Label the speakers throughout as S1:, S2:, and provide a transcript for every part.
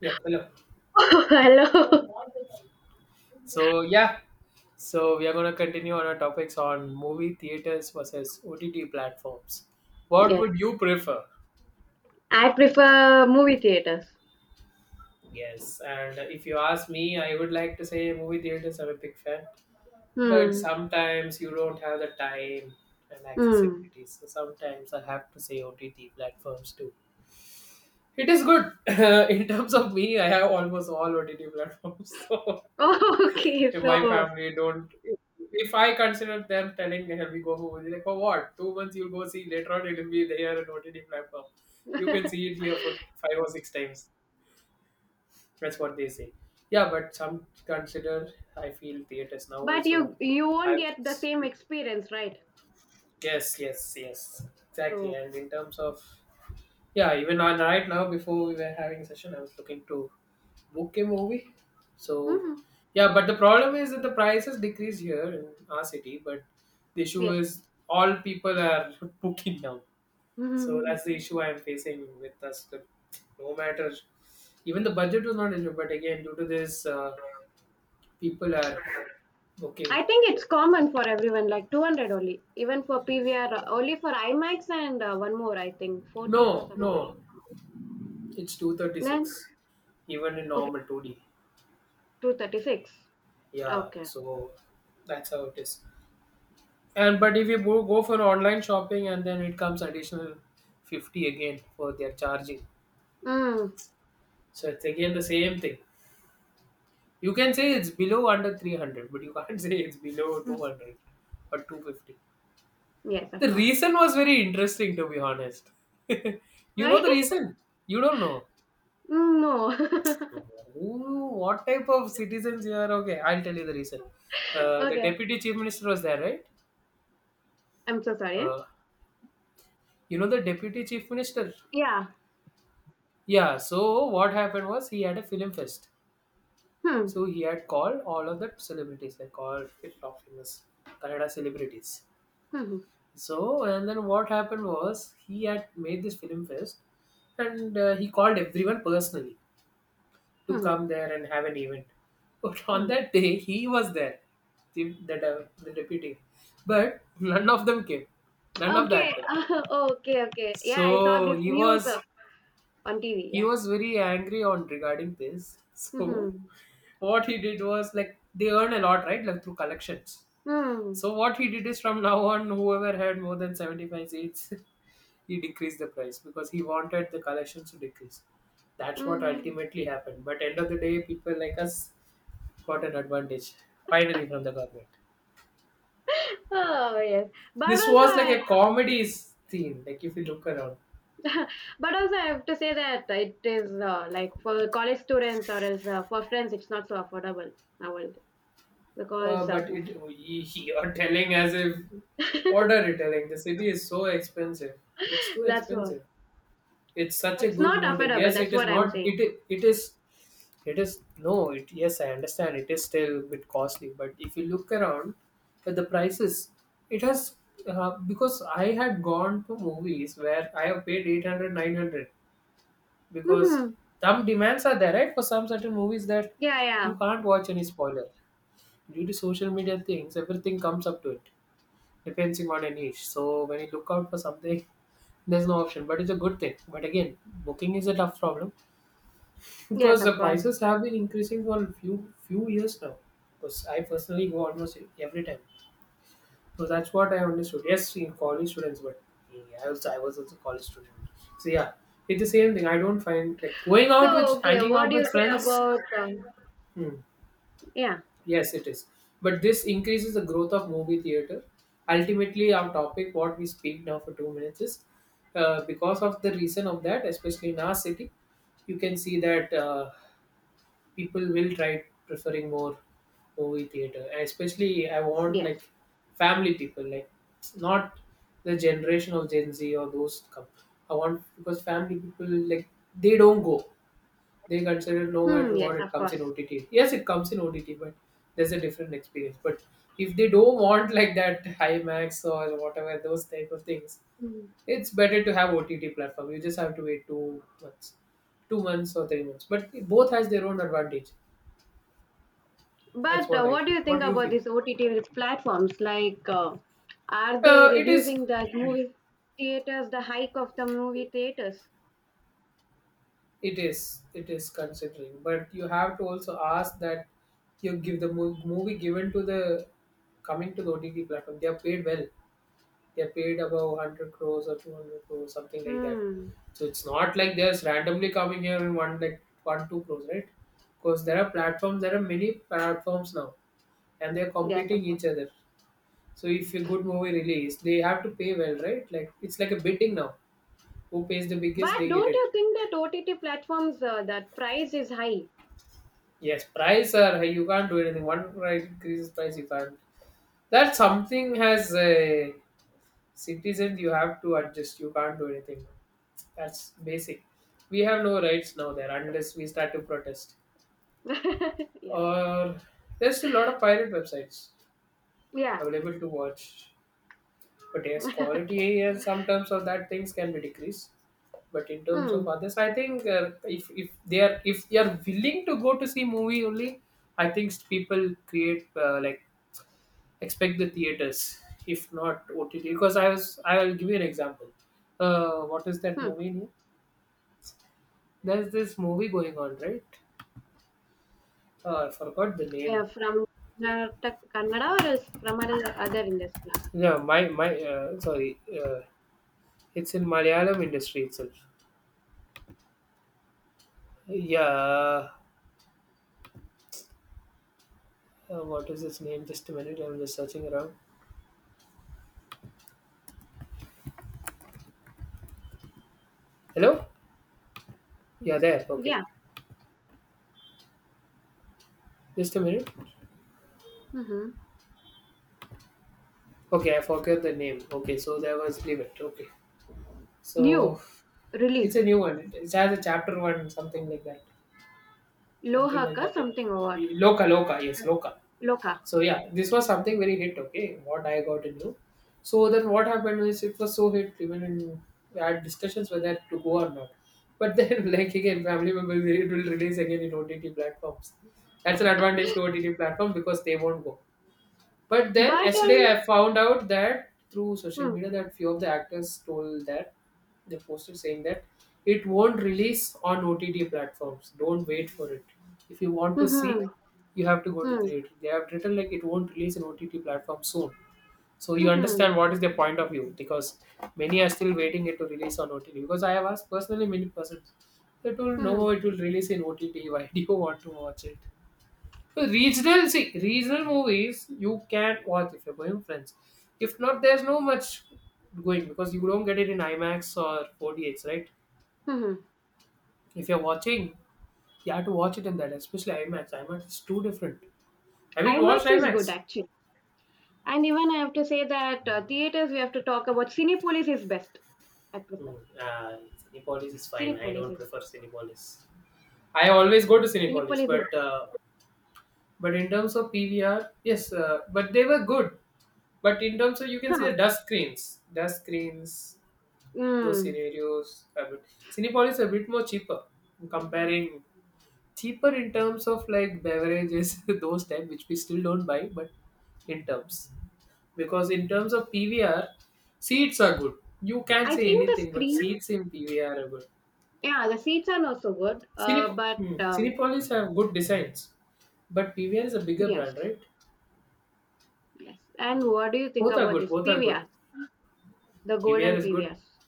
S1: Yep, hello.
S2: Hello.
S1: So yeah, so we are gonna continue on our topics on movie theaters versus OTT platforms. What
S2: Yes,
S1: would you prefer?
S2: I prefer movie theaters.
S1: Yes, and if you ask me, I would like to say movie theaters. I'm a big fan, but
S2: Hmm.
S1: sometimes you don't have the time and
S2: Hmm.
S1: accessibility. So sometimes I have to say OTT platforms too. It is good in terms of me. I have almost all OTT platforms. So.
S2: Okay,
S1: If my
S2: so.
S1: family don't, if I consider them telling, hey, we go home, they're like, for what? 2 months you'll go see later on, it'll be there on OTT platform. You can see it here for five or six times. That's what they say. Yeah, but some consider, I feel theaters now
S2: But
S1: also.
S2: you won't
S1: I
S2: get the same experience, right?
S1: Yes, yes, yes, exactly.
S2: So.
S1: And in terms of, yeah, even on right now before we were having session, I was looking to. Okay, movie. So
S2: Hmm.
S1: yeah, but the problem is that the prices decrease here in our city, but the issue
S2: Yes.
S1: is all people are booking now. So
S2: hmm
S1: that's the issue I'm facing with us. That no matter, even the budget was not issue, but again, due to this, people are booking.
S2: I think it's common for everyone, like 200 only, even for PVR, only for IMAX and one more, I think, 40s or
S1: No, no,
S2: something.
S1: it's two thirty
S2: Then,
S1: six, even in
S2: okay,
S1: normal 2D.
S2: 236.
S1: Yeah,
S2: Okay.
S1: so that's how it is. And but if you go for online shopping, and then it comes additional 50 again for their charging.
S2: Mm.
S1: So it's again the same thing. You can say it's below under 300, but you can't say it's below
S2: Mm.
S1: 200 or 250.
S2: Yes, of
S1: The
S2: course.
S1: reason was very interesting, to be honest. You know
S2: Right?
S1: the reason? You don't know.
S2: Mm. No.
S1: Who, what type of citizens you are? Okay, I'll tell you the reason. The
S2: Okay,
S1: deputy chief minister was there, right?
S2: I'm so sorry.
S1: Uh, you know the deputy chief minister?
S2: Yeah.
S1: Yeah, so what happened was he had a film fest.
S2: Hmm.
S1: So he had called all of the celebrities, like all the top famous Kannada celebrities.
S2: Hmm.
S1: So, and then what happened was he had made this film fest, and he called everyone personally to come
S2: Hmm.
S1: there and have an event. But on
S2: Hmm.
S1: that day, he was there, the deputy. But none of them came, none of the
S2: Okay.
S1: actors.
S2: Okay. Okay. Yeah, I saw
S1: So
S2: this
S1: he
S2: news
S1: was
S2: on TV.
S1: he
S2: Yeah.
S1: was very angry on regarding this. So
S2: Hmm.
S1: what he did was like they earn a lot, right? Like through collections.
S2: Hmm.
S1: So what he did is from now on, whoever had more than 75 seats, he decreased the price because he wanted the collections to decrease. That's what
S2: Hmm.
S1: ultimately happened. But end of the day, people like us got an advantage finally from the government.
S2: Oh yes, but
S1: This
S2: also
S1: was like
S2: I,
S1: a comedy theme. Like if you look around.
S2: but also I have to say that it is like for college students or else for friends, it's not so affordable nowadays because
S1: But it you're telling as if, what are you telling? The city is so expensive. It's too
S2: that's what.
S1: expensive. It's such a
S2: It's
S1: good
S2: not
S1: motive.
S2: affordable.
S1: Yes, it
S2: That's
S1: is
S2: what I'm
S1: not.
S2: saying.
S1: It is. It is no. It, yes, I understand. It is still a bit costly. But if you look around at the prices, it has, because I had gone to movies where I have paid 800, 900, because
S2: hmm
S1: some demands are there, right? For some certain movies that
S2: Yeah,
S1: you
S2: yeah,
S1: can't watch any spoiler due to social media things, everything comes up to it, depending on a niche. So when you look out for something, there's no option, but it's a good thing. But again, booking is a tough problem
S2: yes,
S1: because
S2: of
S1: the
S2: course.
S1: prices have been increasing for a few years now. Because I personally go almost every time, so that's what I understood. Yes, in college students, but I was also a college student. So yeah, it's the same thing. I don't find like going out with,
S2: So okay,
S1: hanging
S2: what
S1: out
S2: do you
S1: with
S2: say
S1: friends.
S2: about
S1: Hmm.
S2: yeah,
S1: Yes, it is. But this increases the growth of movie theater. Ultimately, our topic, what we speak now for 2 minutes, is, because of the reason of that, especially in our city, you can see that, people will try preferring more movie theater. Especially, I want
S2: yes.
S1: like family people, like not the generation of Gen Z or those come. I want because family people like, they don't go. They consider no
S2: Hmm,
S1: matter what,
S2: yes,
S1: it
S2: of
S1: comes in
S2: course.
S1: OTT. Yes, it comes in OTT, but there's a different experience. But if they don't want like that IMAX or whatever those type of things,
S2: Mm.
S1: it's better to have OTT platform. You just have to wait 2 months, 2 months or 3 months. But it both has their own advantage. That's
S2: But
S1: what I
S2: what do
S1: feel.
S2: you
S1: What
S2: think
S1: do you
S2: about
S1: feel?
S2: these OTT platforms? Like, are they
S1: Uh, it is,
S2: reducing the movie theaters, the hike of the movie theaters?
S1: it is considering. But you have to also ask that you give the movie given to the coming to the OTT platform. They are paid well. They're paid about 100 crores or 200 crores, something like that.
S2: Hmm,
S1: So it's not like they're just randomly coming here and one, like one two crores, right? Because there are many platforms now, and they're
S2: yes, of
S1: competing
S2: course.
S1: each other. So if a good movie release, they have to pay well, right? Like it's like a bidding now. Who pays the biggest,
S2: But
S1: they get
S2: don't you
S1: it.
S2: think that OTT platforms, that price is high?
S1: Yes, price are high. You can't do anything. One price increases, price you can't. That something has a citizen, you have to adjust. You can't do anything. That's basic. We have no rights now there, unless we start to protest.
S2: Yes.
S1: Or there's still a lot of pirate websites
S2: Yeah.
S1: available to watch. But yes, quality and some terms of that things can be decreased. But in terms of
S2: Hmm.
S1: others, I think, if they are willing to go to see movie only, I think people create, like expect the theaters. If not OTT, because I will give you an example. What is that
S2: Hmm.
S1: movie name? There's this movie going on, right? I forgot the name.
S2: Yeah, from Karnataka, Kannada or is from other industry?
S1: Yeah, my sorry. It's in Malayalam industry itself. Yeah. What is its name? Just a minute. I'm just searching around. Hello. Yeah, there. Okay.
S2: Yeah.
S1: Just a minute.
S2: Mm-hmm.
S1: Okay, I forgot the name. Okay, so there was, leave it. Okay,
S2: New,
S1: so it's a
S2: released.
S1: new one. It has a chapter one, something like that. Something like
S2: Lohaka,
S1: that.
S2: something or what?
S1: Loka. Yes, Loka.
S2: Loca.
S1: So yeah, this
S2: Mm.
S1: was something very hit. Okay, what I got into. So then what happened is, it was so hit even in, we had discussions whether to go or not. But then like, again, family members, it will release again in OTT platforms. That's an advantage to OTT platform because they won't go. But then
S2: But
S1: yesterday I found out that, through social
S2: mm,
S1: media, that few of the actors told that they posted saying that it won't release on OTT platforms. Don't wait for it. If you want to
S2: mhm,
S1: see, you have to go to
S2: mm,
S1: theater. They have written like it won't release on OTT platform soon. So you
S2: mhm,
S1: understand what is their point of view, because many are still waiting it to release on OTT. Because I have asked personally many persons, they told
S2: mhm,
S1: no, it will release in OTT. Why do you want to watch it? So regional, see, regional movies you can watch if you're going with friends. If not, there's no much going because you don't get it in IMAX or 4DX, right?
S2: mhm.
S1: If you're watching, you have to watch it in that, especially IMAX. IMAX is too different. Have you watched
S2: IMAX is good
S1: IMAX?
S2: actually. And even I have to say that theaters we have to talk about Cinepolis is best. I
S1: Hmm.
S2: prefer
S1: Uh, Cinepolis is fine. I
S2: Cinepolis
S1: don't
S2: is
S1: prefer Cinepolis. I always go to Cinepolis,
S2: Cinepolis is.
S1: but but in terms of PVR, yes, but they were good. But in terms of, you can see the
S2: Huh.
S1: dust screens, those
S2: Mm.
S1: scenarios a bit. Cinepolis is a bit more cheaper. I'm comparing cheaper in terms of like beverages, those type which we still don't buy, but in terms, because in terms of PVR, seats are good. You can't
S2: I
S1: say
S2: think the
S1: anything, but
S2: screen.
S1: seats in PVR are good.
S2: Yeah, the seats are not so good. Uh, but um,
S1: Cinepolis have good designs, but PVR is a bigger
S2: yes,
S1: brand, right?
S2: yes. And
S1: Hmm.
S2: what do you think
S1: both are
S2: about
S1: good
S2: this
S1: both are good
S2: PVRs, the
S1: PVR
S2: golden
S1: is good.
S2: PVRs?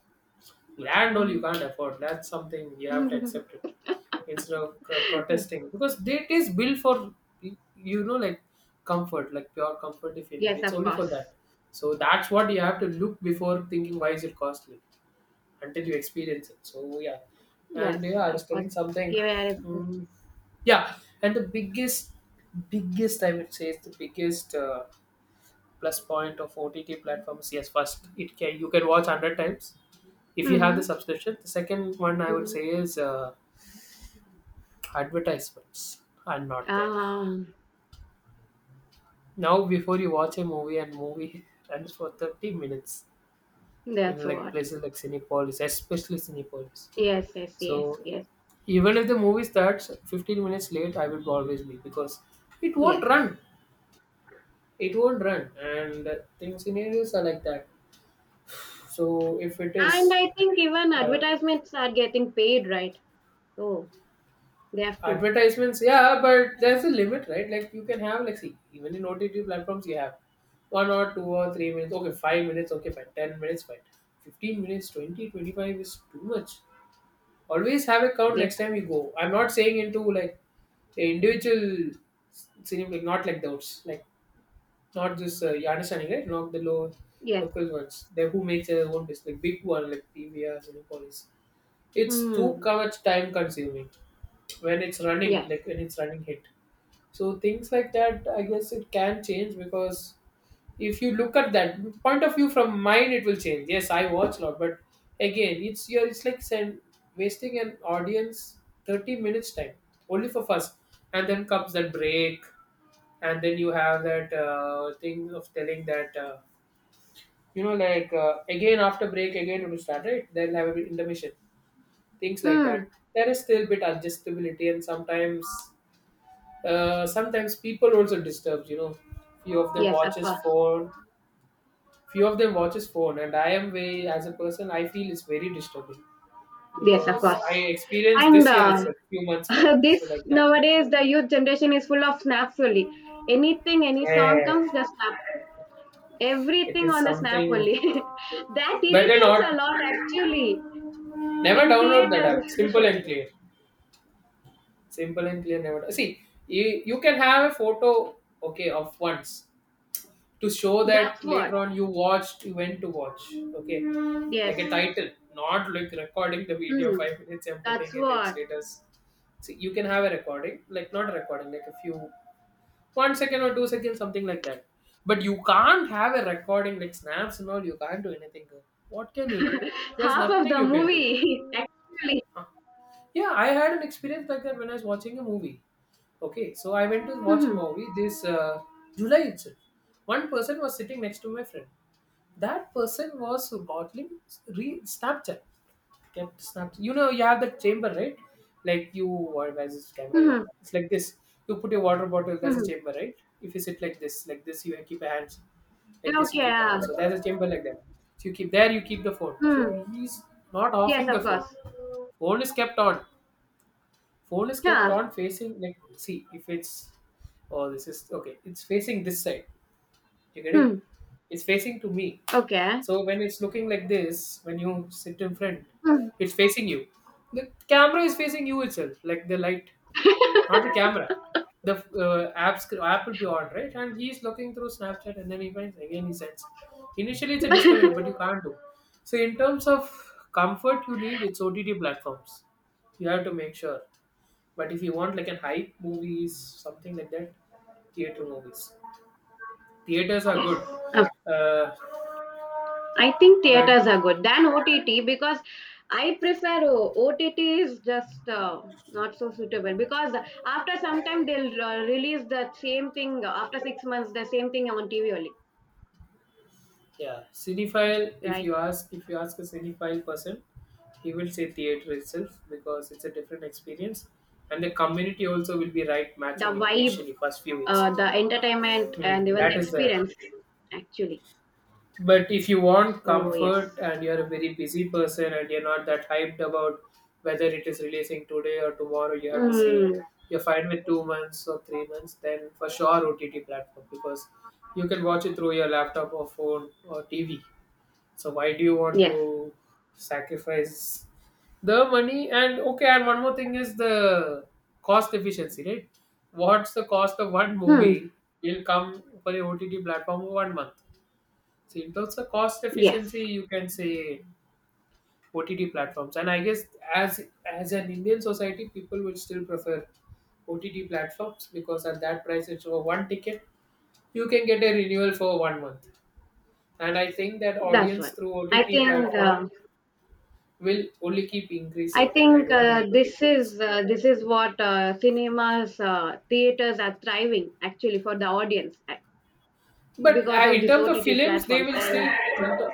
S1: Land all you
S2: Mm.
S1: can't afford, that's something you have to accept it instead of protesting, because it is built for y- you know like comfort, like pure comfort. If you need,
S2: Yes,
S1: it's
S2: of
S1: only for
S2: course.
S1: that. So that's what you have to look before thinking why is it costly until you experience it, so yeah. And
S2: Yes,
S1: yeah, I was
S2: of course.
S1: telling something.
S2: PVR is.
S1: mm, yeah, and the biggest I would say is the biggest plus point of OTT platforms. Yes, first, it can, you can watch 100 times if you have the
S2: Mhm,
S1: subscription. The second one, I would
S2: mhm.
S1: say, is advertisements are not there
S2: Um,
S1: now. Before you watch a movie, and movie runs for 30 minutes
S2: that's
S1: in like
S2: what.
S1: places like Cinepolis, especially Cinepolis.
S2: Yes, yes,
S1: So
S2: yes, yes,
S1: even if the movie starts 15 minutes late, I will always be, because it won't
S2: yes.
S1: run. It won't run. And things in areas are like that. So if it
S2: And
S1: is,
S2: I think even
S1: uh,
S2: advertisements are getting paid, right? Oh, they have to.
S1: advertisements, yeah, but there's a limit, right? Like you can have, like, see, even in OTT platforms you have 1 or 2 or 3 minutes, okay, 5 minutes, okay, fine, 10 minutes, fine. 15 minutes, 20, 25 is too much. Always have a count
S2: Yes,
S1: next time you go. I'm not saying into like say individual cinema, like not like those, like not just you understanding, right? Not the low
S2: yes.
S1: local ones. They who makes their own business, like big one like PVR, Cinepolis. It's too
S2: Hmm.
S1: much time consuming when it's running,
S2: Yes.
S1: like when it's running hit. So things like that, I guess it can change because if you look at that point of view from mine, it will change. Yes, I watch a lot, but again, it's your, it's like send, wasting an audience 30 minutes time only for first, and then comes that break, and then you have that thing of telling that again after break again it will start, right? They'll have an intermission, things like
S2: Hmm.
S1: that. There is still bit adjustability, and sometimes sometimes people also disturbs, you know, few of them
S2: Yes, of
S1: watches
S2: course.
S1: phone. Few of them watches phone, and I am, way as a person, I feel it's very disturbing
S2: Yes, of
S1: because
S2: course.
S1: I experienced
S2: And
S1: this year itself few months back,
S2: this
S1: so like that.
S2: nowadays, the youth generation is full of snaps only. Anything, any
S1: Yeah,
S2: song comes, the snap.
S1: it
S2: Everything
S1: is
S2: on the snap
S1: something
S2: only. That
S1: better
S2: irritates a
S1: not.
S2: lot actually
S1: Never
S2: in
S1: download that
S2: theaters
S1: app, simple and
S2: especially.
S1: clear. Simple and clear, never see. You can have a photo, okay, of once, to show that
S2: That's what.
S1: later on you watched, you went to watch. Okay. Like
S2: Yes.
S1: a title, not like recording the video
S2: Mm,
S1: 5 minutes and
S2: that's
S1: putting it in
S2: what.
S1: status. See, you can have a recording, like not a recording, like a few 1 second or 2 seconds, something like that. But you can't have a recording like snaps and all, you can't do anything, girl. What can you do? There's
S2: Half of
S1: nothing
S2: the
S1: you can do.
S2: movie, actually.
S1: Huh? Yeah, I had an experience like that when I was watching a movie. Okay, so I went to watch a
S2: Mm-hmm.
S1: movie this July itself. One person was sitting next to my friend. That person was bottling Snapchat. Kept Snapchat. You know, you have that chamber, right? Like you, or where's this camera? Yeah,
S2: Mm-hmm.
S1: it's like this. You put your water bottle. That's a
S2: Mm-hmm.
S1: chamber, right? If you sit like this, you keep your hands like this.
S2: Okay.
S1: You keep your
S2: Yeah.
S1: hands. So there's a chamber like that. So you keep there. You keep the phone. So
S2: Mm.
S1: he's not
S2: Yes,
S1: offing the
S2: of
S1: phone.
S2: course.
S1: Phone is kept on, phone is kept
S2: Yeah.
S1: on facing, like, see if it's, oh, this is okay, it's facing this side, you get it.
S2: Mm.
S1: It's facing to me.
S2: Okay.
S1: So when it's looking like this, when you sit in front,
S2: Mm.
S1: it's facing you. The camera is facing you itself, like the light, not the camera. The app will be on, right, and he's looking through Snapchat, and then he finds again he sends. Initially, it's a disturbance, but you can't do. So in terms of comfort, you need, it's OTT platforms. You have to make sure. But if you want like an hype movies, something like that, theater movies. Theaters are
S2: Yes.
S1: good,
S2: Of-
S1: uh,
S2: I think
S1: but
S2: theaters are good than OTT because I prefer OTT is just not so suitable because after some time they'll release the same thing after 6 months, the same thing on TV only,
S1: Yeah, cinephile. If
S2: right?
S1: you ask, a cinephile person, he will say theater itself because it's a different experience, and the community also will be right
S2: The
S1: matching it
S2: vibe,
S1: initially first few weeks.
S2: the entertainment,
S1: Hmm,
S2: and even
S1: that
S2: the
S1: is there.
S2: experience, actually.
S1: But if you want
S2: So, yes.
S1: comfort and you're a very busy person and you're not that hyped about whether it is releasing today or tomorrow, you have to see.
S2: Mm,
S1: You're fine with 2 months or 3 months, then for sure OTT platform because you can watch it through your laptop or phone or TV. So why do you want
S2: yes.
S1: to sacrifice the money? And okay, and one more thing is the cost efficiency, right? What's the cost of one
S2: Hmm.
S1: movie will come for a OTT platform for 1 month? So in terms of cost efficiency,
S2: Yes.
S1: you can say OTT platforms. And I guess as as an Indian society, people would still prefer OTT platforms because at that price, it's for one ticket, you can get a renewal for 1 month. And I think that
S2: That's
S1: audience
S2: what
S1: through
S2: I
S1: OTT
S2: think.
S1: platform will only keep
S2: I
S1: increasing, and I
S2: think
S1: don't think it will
S2: this
S1: decrease.
S2: is uh, this is what cinemas, theaters are thriving actually for the audience
S1: But
S2: because of
S1: in
S2: these
S1: terms of
S2: OTT
S1: films, they
S2: platforms.
S1: will
S2: And
S1: still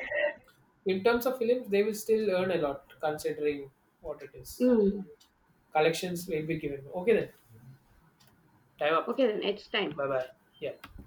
S1: in terms of films they will still earn a lot considering what it is.
S2: mm,
S1: Collections will be given. Okay then, time up.
S2: okay, then it's time.
S1: Bye bye. Yeah.